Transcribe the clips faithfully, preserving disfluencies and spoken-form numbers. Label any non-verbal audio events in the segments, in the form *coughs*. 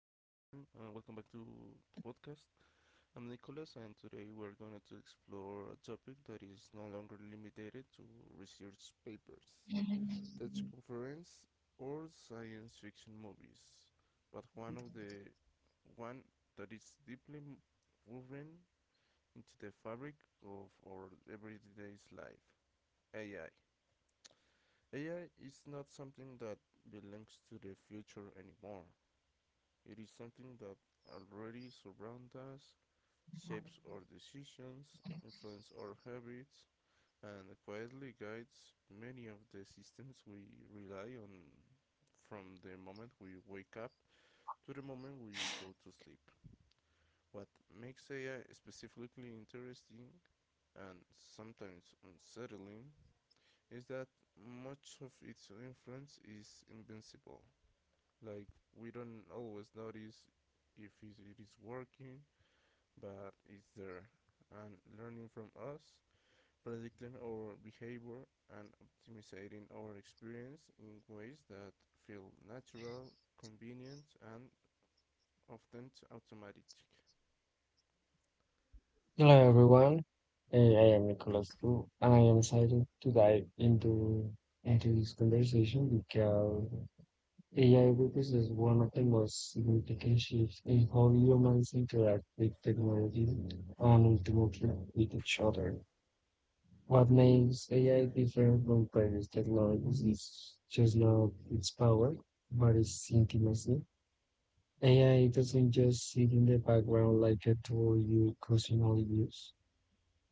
and welcome back to the podcast. I'm Nicholas, and today we're going to explore a topic that is no longer limited to research papers, tech conference, or science fiction movies, but one of the one that is deeply woven into the fabric of our everyday's life. A I. A I is not something that belongs to the future anymore. It is something that already surrounds us, shapes our decisions, influences our habits, and quietly guides many of the systems we rely on from the moment we wake up to the moment we go to sleep. What makes A I specifically interesting and sometimes unsettling is that much of its influence is invincible. Like, we don't always notice if it is working, but it's there, and learning from us, predicting our behavior, and optimizing our experience in ways that feel natural, convenient, and often automatic. Hello everyone. Hey, I am Nicholas too, and I am excited to dive into into this conversation because A I represents one of the most significant shifts in how humans interact with technology and ultimately with each other. What makes A I different from previous technologies is just not its power, but its intimacy. A I doesn't just sit in the background like a tool you occasionally use.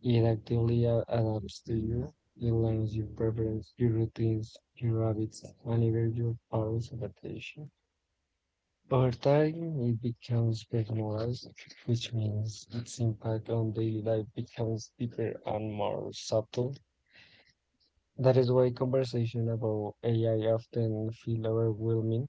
It actively a- adapts to you. It learns your preferences, your routines, your habits, and even your powers of attention. Over time, it becomes personalized, which means its impact on daily life becomes deeper and more subtle. That is why conversation about A I often feel overwhelming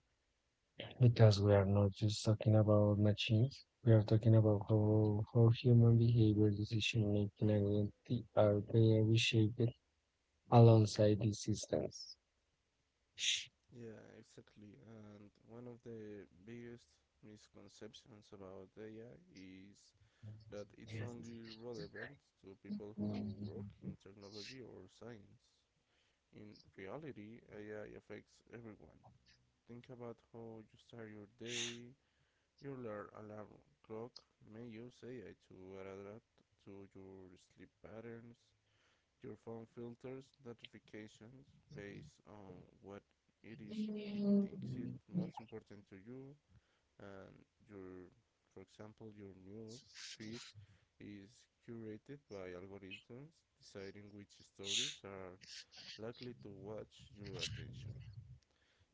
because we are not just talking about machines. We are talking about how, how human behavior, decision making, and identity are being reshaped alongside these systems. Yeah, exactly. And one of the biggest misconceptions about A I is that it's only relevant to people who Mm. work in technology or science. In reality, A I affects everyone. Think about how you start your day. Your alarm clock may use A I to adapt to your sleep patterns. Your phone filters notifications based on what it is it thinks it most important to you and your for example your news feed is curated by algorithms deciding which stories are likely to watch your attention,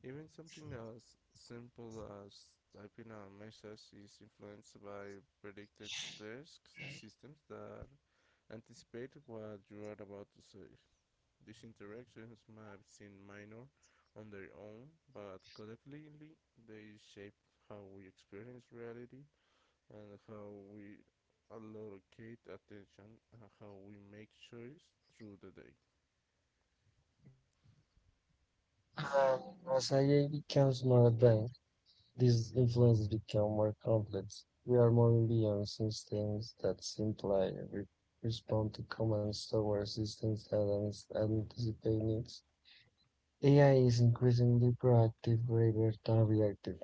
even something as simple as typing a message is influenced by predictive task systems that anticipate what you are about to say. These interactions might seem minor on their own, but collectively they shape how we experience reality and how we allocate attention and how we make choices through the day. Uh, as A I becomes more advanced, these influences become more complex. We are moving beyond systems that simply re- respond to commands toward systems that ans- anticipate needs. A I is increasingly proactive rather than reactive.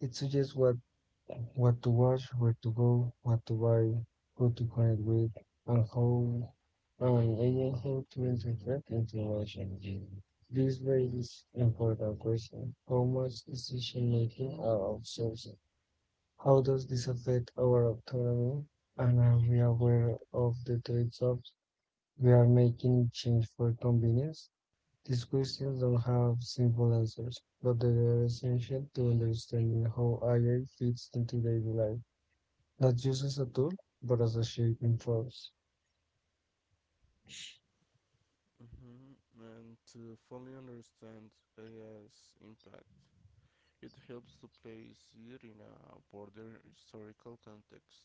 It suggests what what to watch, where to go, what to buy, who to connect with, and how and even how to interpret information. This raises important question. How much decision making are outsourced? How does this affect our autonomy? And are we aware of the trade-offs we are making in change for convenience? These questions don't have simple answers, but they are essential to understanding how A I fits into daily life. Not uses a tool, but as a shape in trust. Mhm. And to fully understand A I's impact, it helps to place it in a broader historical context.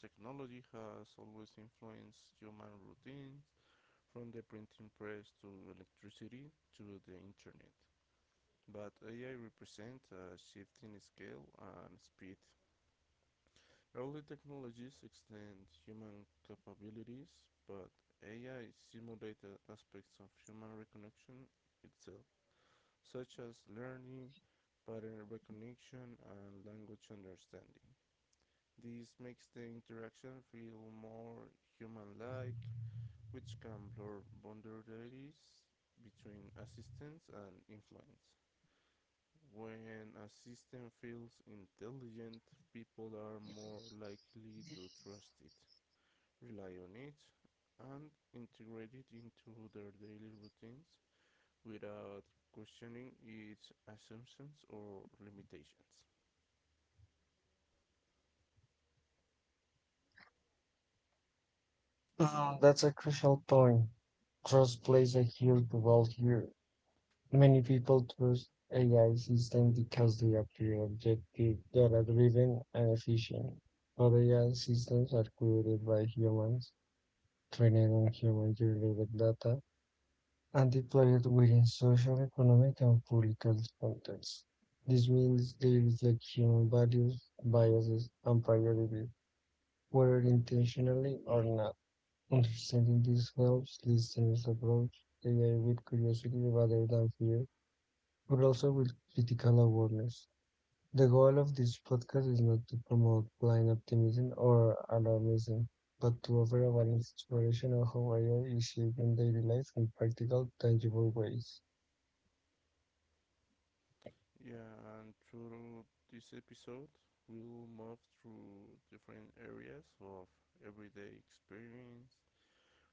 Technology has always influenced human routines, from the printing press to electricity to the internet. But A I represents a shift in scale and speed. Early technologies extend human capabilities, but A I simulated aspects of human reconnection itself, such as learning, pattern recognition, and language understanding. This makes the interaction feel more human like, which can blur boundaries between assistance and influence. When a system feels intelligent, people are more likely to trust it, rely on it, and integrate it into their daily routines without questioning its assumptions or limitations. Mm, that's a crucial point. Trust plays a huge role here. Many people trust A I systems because they appear objective, data driven, and efficient. But A I systems are created by humans, trained on human generated data, and deployed within social, economic, and political contexts. This means they reflect human values, biases, and priorities whether intentionally or not. Understanding this helps listeners approach A I with curiosity rather than fear, but also with critical awareness. The goal of this podcast is not to promote blind optimism or alarmism, but to offer a balanced exploration of how A I is shaping daily life in practical, tangible ways. Yeah, and through this episode, we'll move through different areas of everyday experience,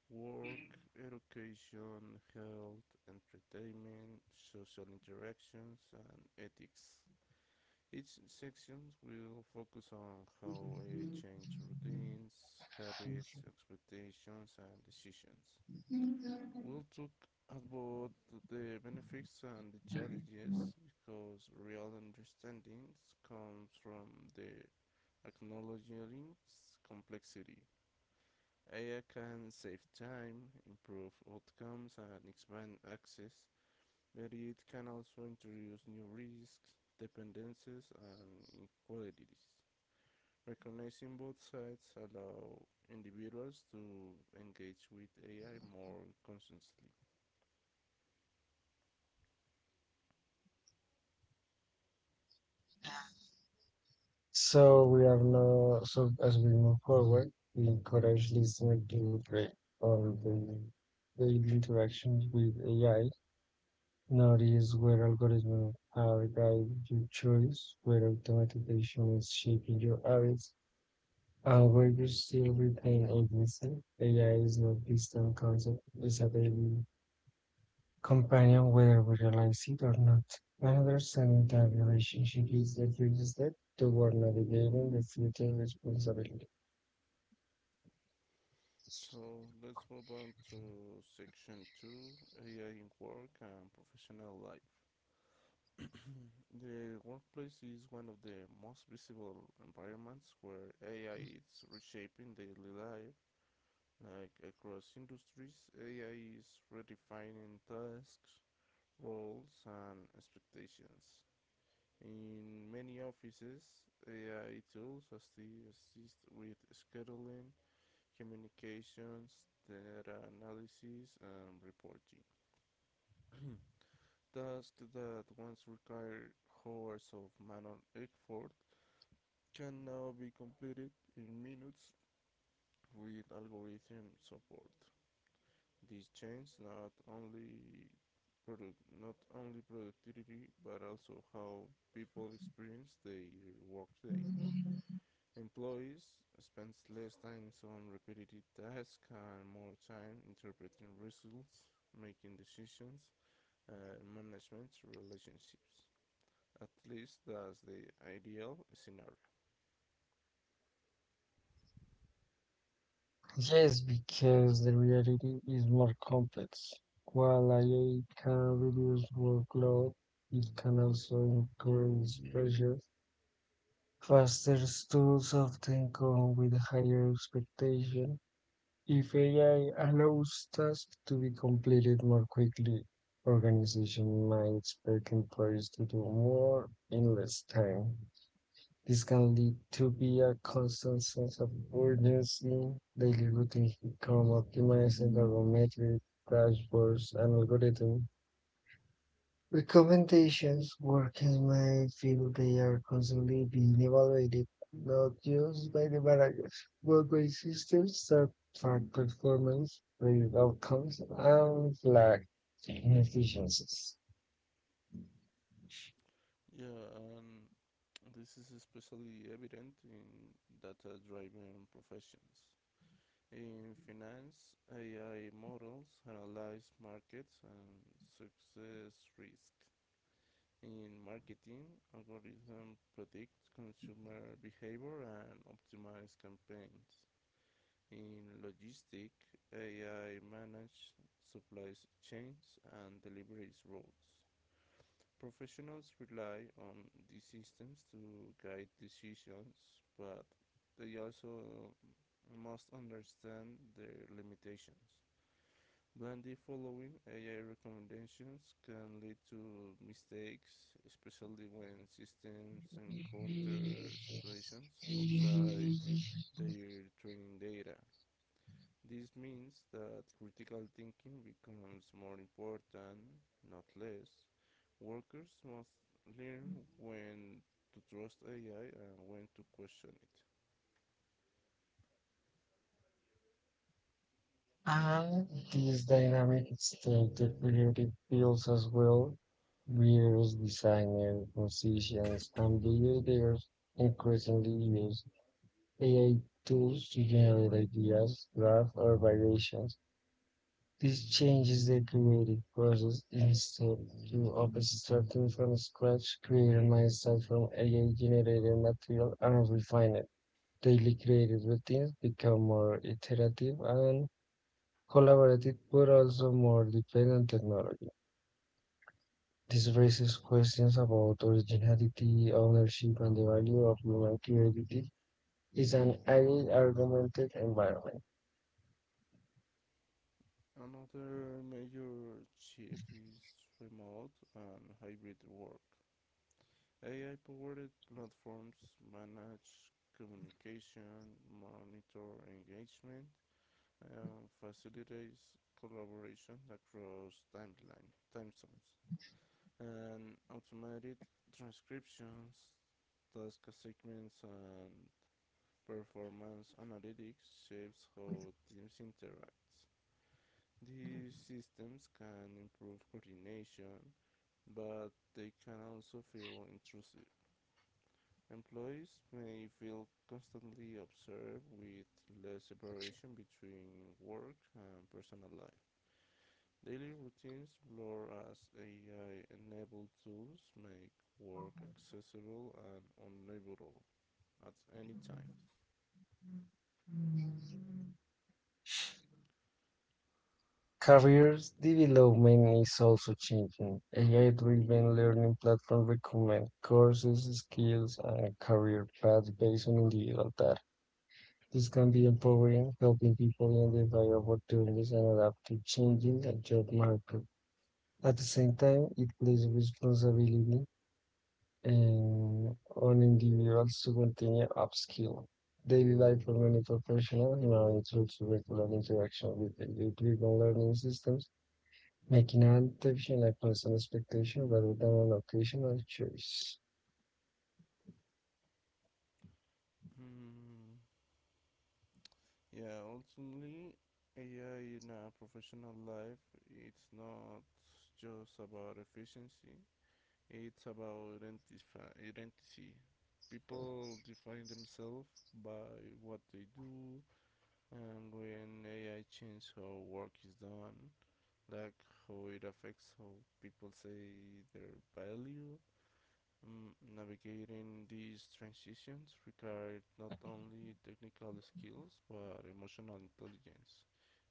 work, education, health, entertainment, social interactions, and ethics. Each section will focus on how I change routines, habits, expectations, and decisions. We'll talk about the benefits and the challenges because real understanding comes from the acknowledging complexity. A I can save time, improve outcomes, and expand access, but it can also introduce new risks, dependencies, and inequalities. Recognizing both sides allows individuals to engage with A I more consciously. So we have no, so as we move forward, we encourage listener to break all the daily interactions with A I. Notice where algorithms have guided your choice, where automation is shaping your habits, and where you still retain agency. A I is not a distant concept, it's a daily companion, whether we realize it or not. Another standard relationship is the first step toward navigating the future responsibility. So let's move on to section two, A I in work and professional life. The workplace is one of the most visible environments where A I is reshaping daily life. Like across industries, A I is redefining tasks, roles, and expectations. In many offices, A I tools assist with scheduling, communications, data analysis, and reporting. Tasks that once required hours of manual effort can now be completed in minutes with algorithm support. This changes not only product, not only productivity, but also how people experience their workday. Mm, Employees spend less time on repetitive tasks and more time interpreting results, making decisions, and uh, management relationships. At least that's the ideal scenario. Yes, because the reality is more complex. While A I can reduce workload, it can also increase pressure. Faster tools often come with a higher expectation. If A I allows tasks to be completed more quickly, organization might expect employees to do more in less time. This can lead to be a constant sense of urgency, daily routines become optimized and algorithmic dashboards and algorithm recommendations workers may feel they are constantly being evaluated, not just by the managers, but by systems that track performance, rate outcomes, and flag inefficiencies. Yeah, and this is especially evident in data driven professions. In finance, A I models analyze markets and success risk. In marketing, algorithms predict consumer behavior and optimize campaigns. In logistics, A I manages supply chains and deliveries routes. Professionals rely on these systems to guide decisions, but they also must understand their limitations. Blindly following A I recommendations can lead to mistakes, especially when systems encounter situations outside their training data. This means that critical thinking becomes more important, not less. Workers must learn when to trust A I and when to question it. And these dynamics that the creative fields as well, viewers, designers, musicians, and builders increasingly use A I tools to generate ideas, graphs, or variations. This changes the creative process instead of starting from scratch, creating myself from A I-generated material and refine it. Daily creative routines become more iterative and collaborative but also more dependent on technology. This raises questions about originality, ownership, and the value of human creativity is an highly augmented environment. Another major shift is remote and hybrid work. A I powered platforms manage communication, monitor engagement, and facilitates collaboration across timeline, time zones, and automated transcriptions, task assignments, and performance analytics shapes how teams interact. These systems can improve coordination, but they can also feel intrusive. Employees may feel constantly observed with less separation between work and personal life. Daily routines blur as A I enabled tools make work accessible and unavoidable at any time. Careers development is also changing. A I-driven learning platforms recommend courses, skills, and career paths based on individual data. This can be empowering, helping people identify opportunities and adapt to changing the job market. At the same time, it places responsibility um, on individuals to continue upskill. Daily life for many professionals now includes regular interaction with the driven learning systems, making adaptation a constant expectation rather than an occasional choice. Mm, yeah, ultimately, A I in a professional life, it's not just about efficiency, it's about identity. People define themselves by what they do, and when A I changes how work is done, like how it affects how people say their value. Mm, navigating these transitions requires not only technical skills but emotional intelligence,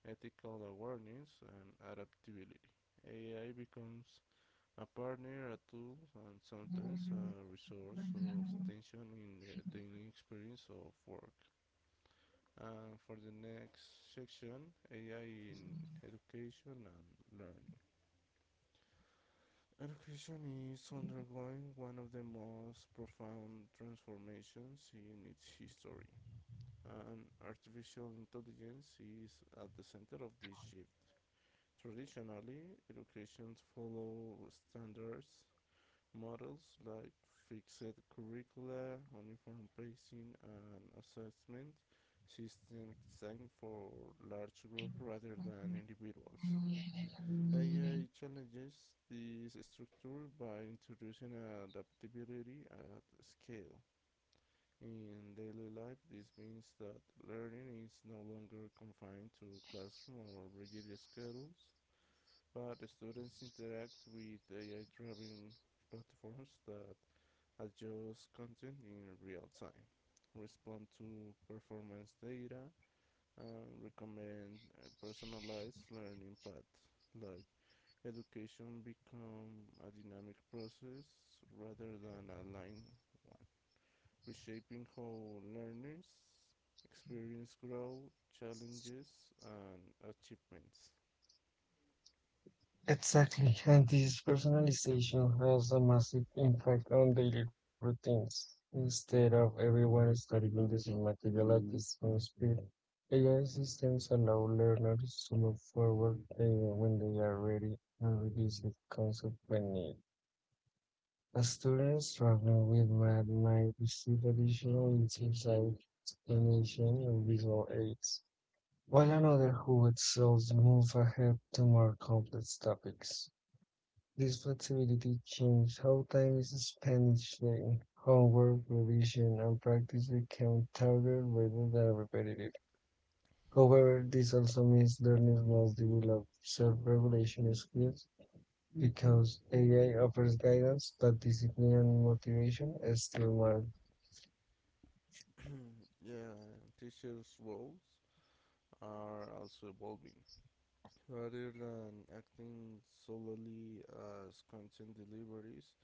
ethical awareness, and adaptability. A I becomes a partner, a tool, and sometimes a resource of tension in the daily experience of work. And for the next section, A I in education and learning. Education is undergoing one of the most profound transformations in its history, and artificial intelligence is at the center of this shift. Traditionally, education follows standards models like fixed curricula, uniform pacing, and assessment system designed for large groups rather than individuals. A I challenges this structure by introducing adaptability at scale. In daily life, this means that learning is no longer confined to classroom or rigid schedules, but students interact with A I-driven platforms that adjust content in real time, respond to performance data, and recommend uh, personalized learning paths. Like education become a dynamic process rather than a line, reshaping how learners experience growth, challenges, and achievements. Exactly, and this personalization has a massive impact on daily routines. Instead of everyone studying the same material at the same speed, A I systems allow learners to move forward uh, when they are ready and reduce the concept by need. A student struggling with math might receive additional insights, like explanation, and visual aids, while another who excels move ahead to more complex topics. This flexibility changed how time is spent each day. Homework, revision, and practice became targeted rather than repetitive. However, this also means learners must develop self-regulation skills because A I offers guidance, but discipline and motivation is still matter. *coughs* Yeah, teachers' roles are also evolving. Rather than acting solely as content deliveries,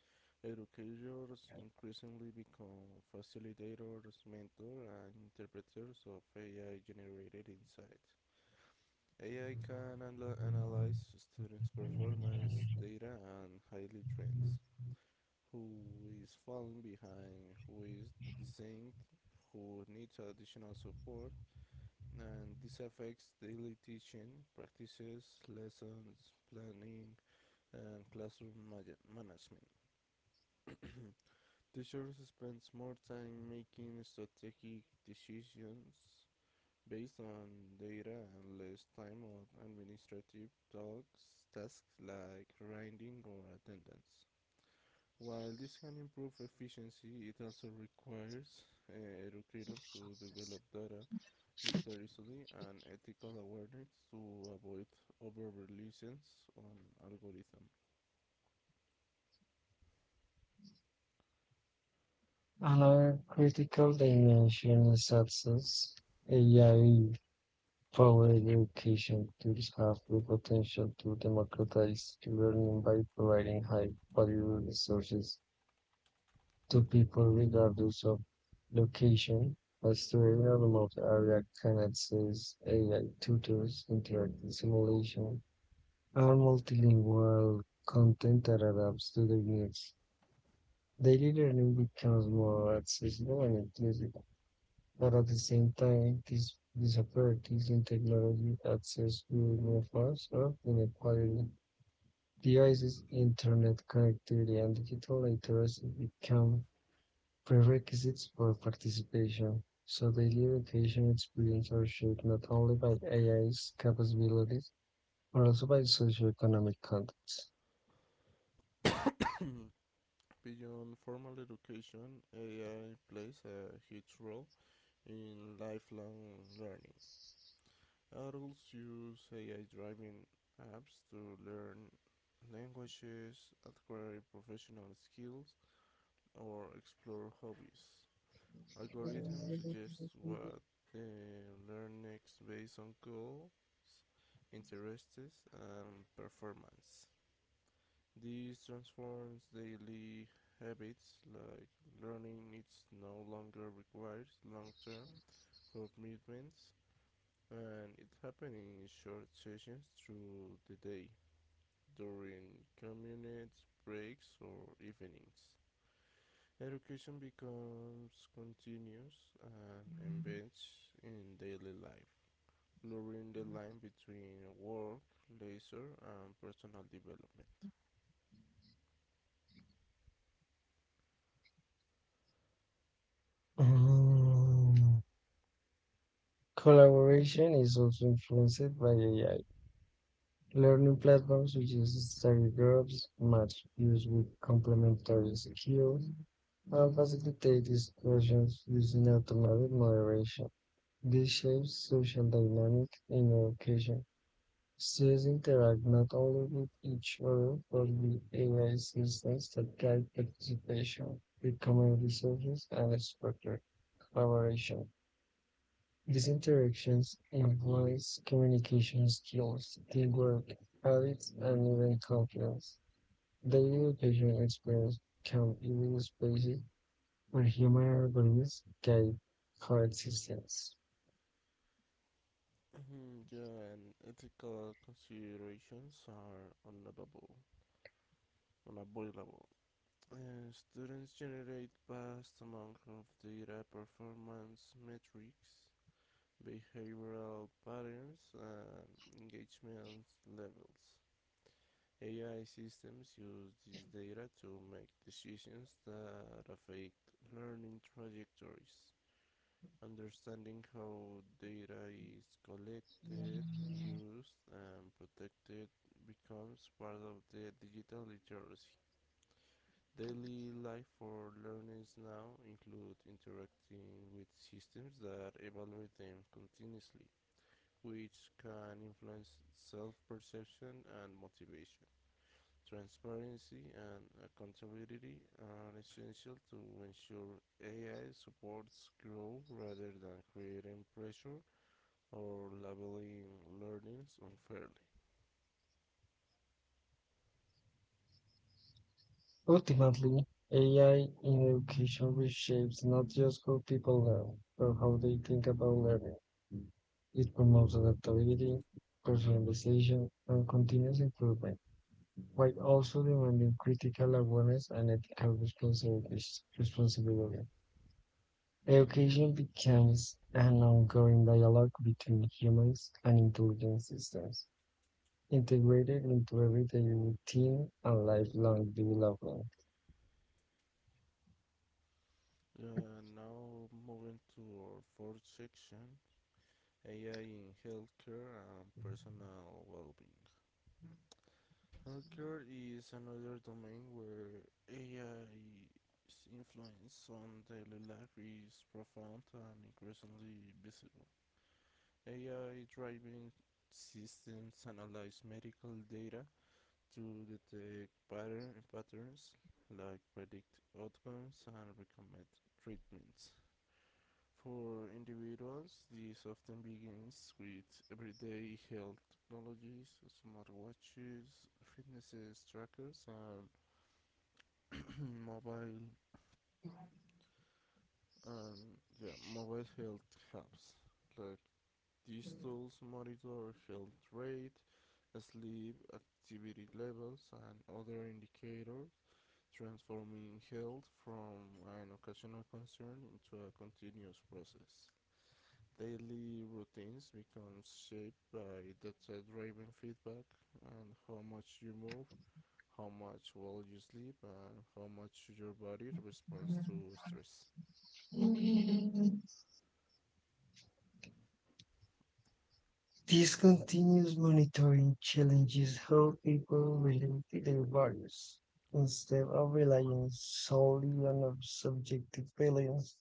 educators increasingly become facilitators, mentors, and interpreters of A I generated insight. A I can anal- analyze students' performance, data, and highlight trends. Who is falling behind, who is distinct, who needs additional support, and this affects daily teaching practices, lessons, planning, and classroom management. Teachers spend more time making strategic decisions based on data and less time on administrative talks, tasks like grading or attendance. While this can improve efficiency, it also requires uh, educators to develop data literacy and ethical awareness to avoid over reliance on algorithms. Another critical dimension is access. A I Power education tools have the potential to democratize learning by providing high-value resources to people regardless of location. As to a remote area can access A I tutors, interactive simulation, or multilingual content that adapts to their needs. Daily learning becomes more accessible and inclusive. But at the same time, these disparities in technology access will move us up inequality. Equality. Devices, internet connectivity, and digital literacy become prerequisites for participation. So daily education experience are shaped not only by AI's capabilities, but also by socioeconomic context. Beyond formal education, A I plays a huge role in lifelong learning. Adults use A I driven apps to learn languages, acquire professional skills, or explore hobbies. Algorithms suggest what they learn next based on goals, interests, and performance. This transforms daily habits like learning it's no longer requires long-term commitments and it happens in short sessions through the day during commute breaks or evenings. Education becomes continuous and embedded in daily life, blurring the line between work, leisure and personal development. Mm, Collaboration is also influenced by A I. Learning platforms which use study groups, match use with complementary skills, and facilitate discussions using automated moderation. This shapes social dynamic in education. Students interact not only with each other, but with A I systems that guide participation, recommend resources, and structure collaboration. These interactions enhance communication skills, teamwork, habits, and even confidence. The education experience can even space where human algorithms guide coexistence. Mhm, yeah, and ethical considerations are unavoidable. unavoidable. Uh, students generate vast amounts of data, performance metrics, behavioral patterns, and engagement levels. A I systems use this data to make decisions that affect learning trajectories. Understanding how data is collected, used, and protected becomes part of the digital literacy. Daily life for learners now include interacting with systems that evaluate them continuously, which can influence self-perception and motivation. Transparency and accountability are essential to ensure A I supports growth rather than creating pressure or labeling learnings unfairly. Ultimately, A I in education reshapes not just how people learn, but how they think about learning. It promotes adaptability, personalization, and continuous improvement, while also demanding critical awareness and ethical responsi- responsibility. Education becomes an ongoing dialogue between humans and intelligent systems, integrated into everyday routine and lifelong development. Uh, now moving to our fourth section, A I in healthcare and personal well-being. Healthcare is another domain where A I's influence on daily life is profound and increasingly visible. A I driving systems analyze medical data to detect pattern, patterns like predict outcomes and recommend treatments. For individuals, this often begins with everyday health technologies, smartwatches, fitness trackers, and *clears throat* *coughs* mobile and yeah, mobile health apps. Like these tools monitor health rate, sleep activity levels, and other indicators transforming health from an occasional concern into a continuous process. Daily routines become shaped by data-driven feedback and how much you move, how much well you sleep, and how much your body responds to stress. This continuous monitoring challenges how people relate to their values. Instead of relying solely on ob- subjective feelings,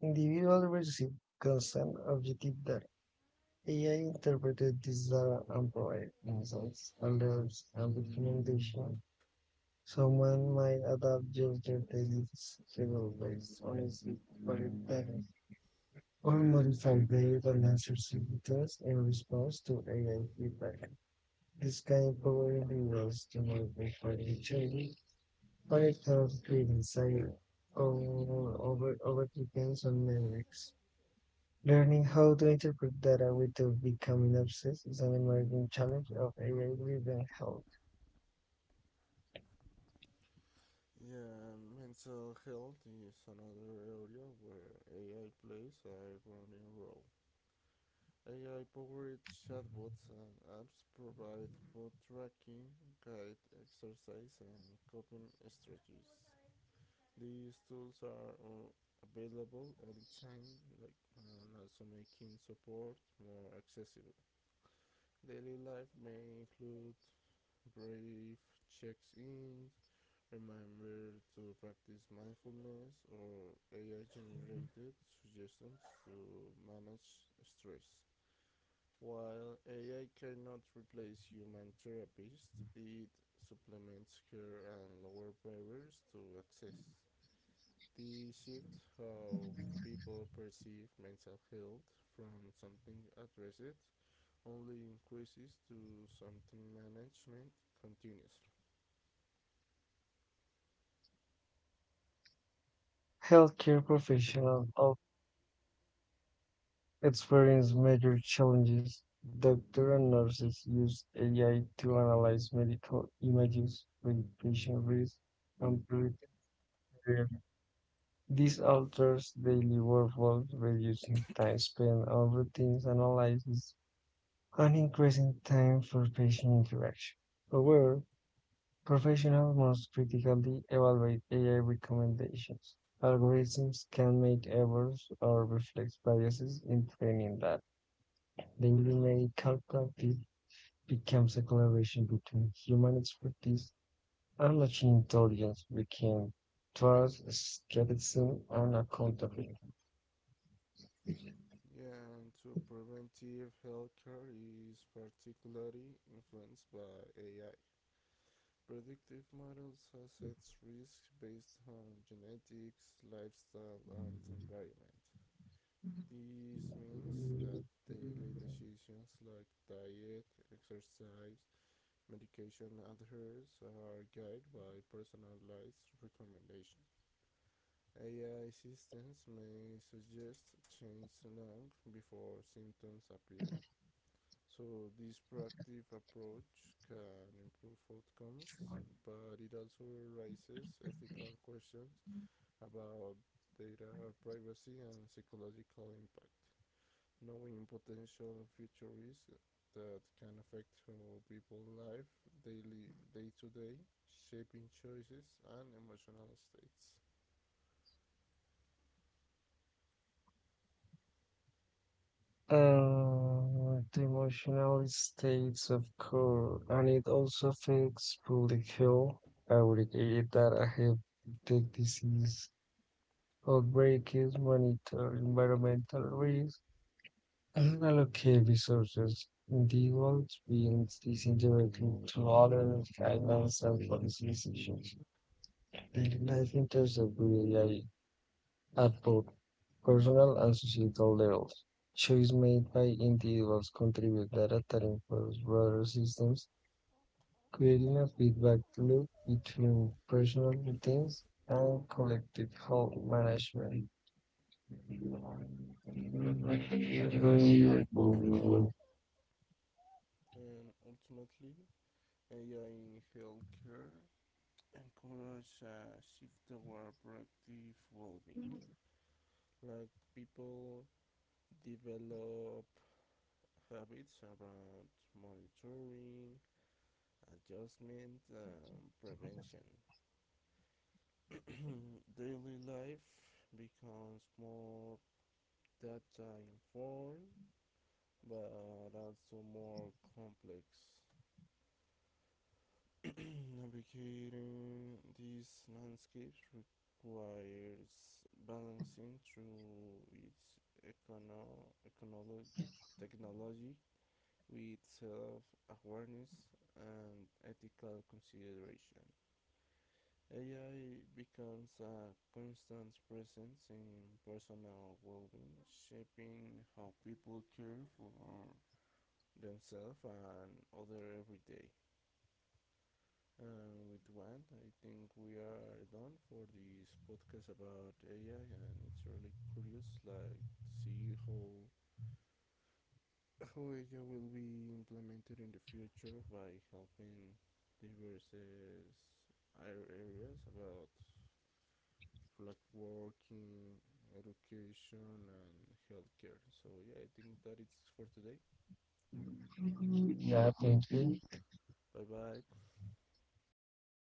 individuals receive consent objective that A I interpreted desire and provide insights, and alerts, and documentation. Someone might adapt gesture daily schedule based on its required data or modify based on answer signatures in response to A I feedback. This can empower individuals to make informed choices, but it can create insight over, over, over depends on metrics. Learning how to interpret data without becoming obsessed is an emerging challenge of A I-driven health. Yeah, mental health is another area where A I plays a growing role. A I powered chatbots and apps provide mood tracking, guide exercise, and coping strategies. These tools are uh, available anytime, like, and also making support more accessible. Daily life may include brief checks ins remember to practice mindfulness, or A I generated suggestions to manage stress. While A I cannot replace human therapists, it supplements care and lowers barriers to access. The shift how people perceive mental health from something addressed only increases to something management continuously. Healthcare professionals of experience major challenges. Doctors and nurses use A I to analyze medical images, predict patient risk, and predict behavior. This alters daily workflows, reducing time spent on routines analysis and increasing time for patient interaction. However, professionals must critically evaluate A I recommendations. Algorithms can make errors or reflect biases in training that daily medical practice becomes a collaboration between human expertise and machine intelligence we can trust, skepticism, and accountability. Yeah, and so preventive healthcare is particularly influenced by A I. Predictive models assess risk based on genetics, lifestyle, and environment. This means that daily decisions like diet, exercise, medication adherence are guided by personalized recommendations. A I systems may suggest change long before symptoms appear. So this proactive approach can improve outcomes, but it also raises ethical questions about data privacy and psychological impact. Knowing potential future risks that can affect how people live daily, day to day, shaping choices and emotional states. Uh, the emotional states, of course, and it also affects public health. I would agree that I have the disease outbreaks monitor environmental risks and allocate resources. The world beings this indirectly through other guidance and policy decisions. Daily life intersects with A I at both personal and societal levels. Choices made by individuals contribute data that informs broader systems, creating a feedback loop between personal routines and collective health management. Like, Yeah, you know, you and, like, moving on. and ultimately, A I in healthcare encourage a shift toward productive well-being. Like people develop habits around monitoring, adjustment, and prevention. *coughs* *clears throat* Daily life becomes more data informed, but also more complex. *clears throat* Navigating these landscapes requires balancing through its econo- econo- technology with self-awareness and ethical consideration. A I becomes a constant presence in personal well-being, shaping how people care for themselves and others every day. Uh, with one, I think we are done for this podcast about A I, and it's really curious, like to see how how A I will be implemented in the future by helping diverse uh, areas about like working, education, and healthcare. So yeah, I think that it's for today. Yeah, thank you. Bye bye. Bye.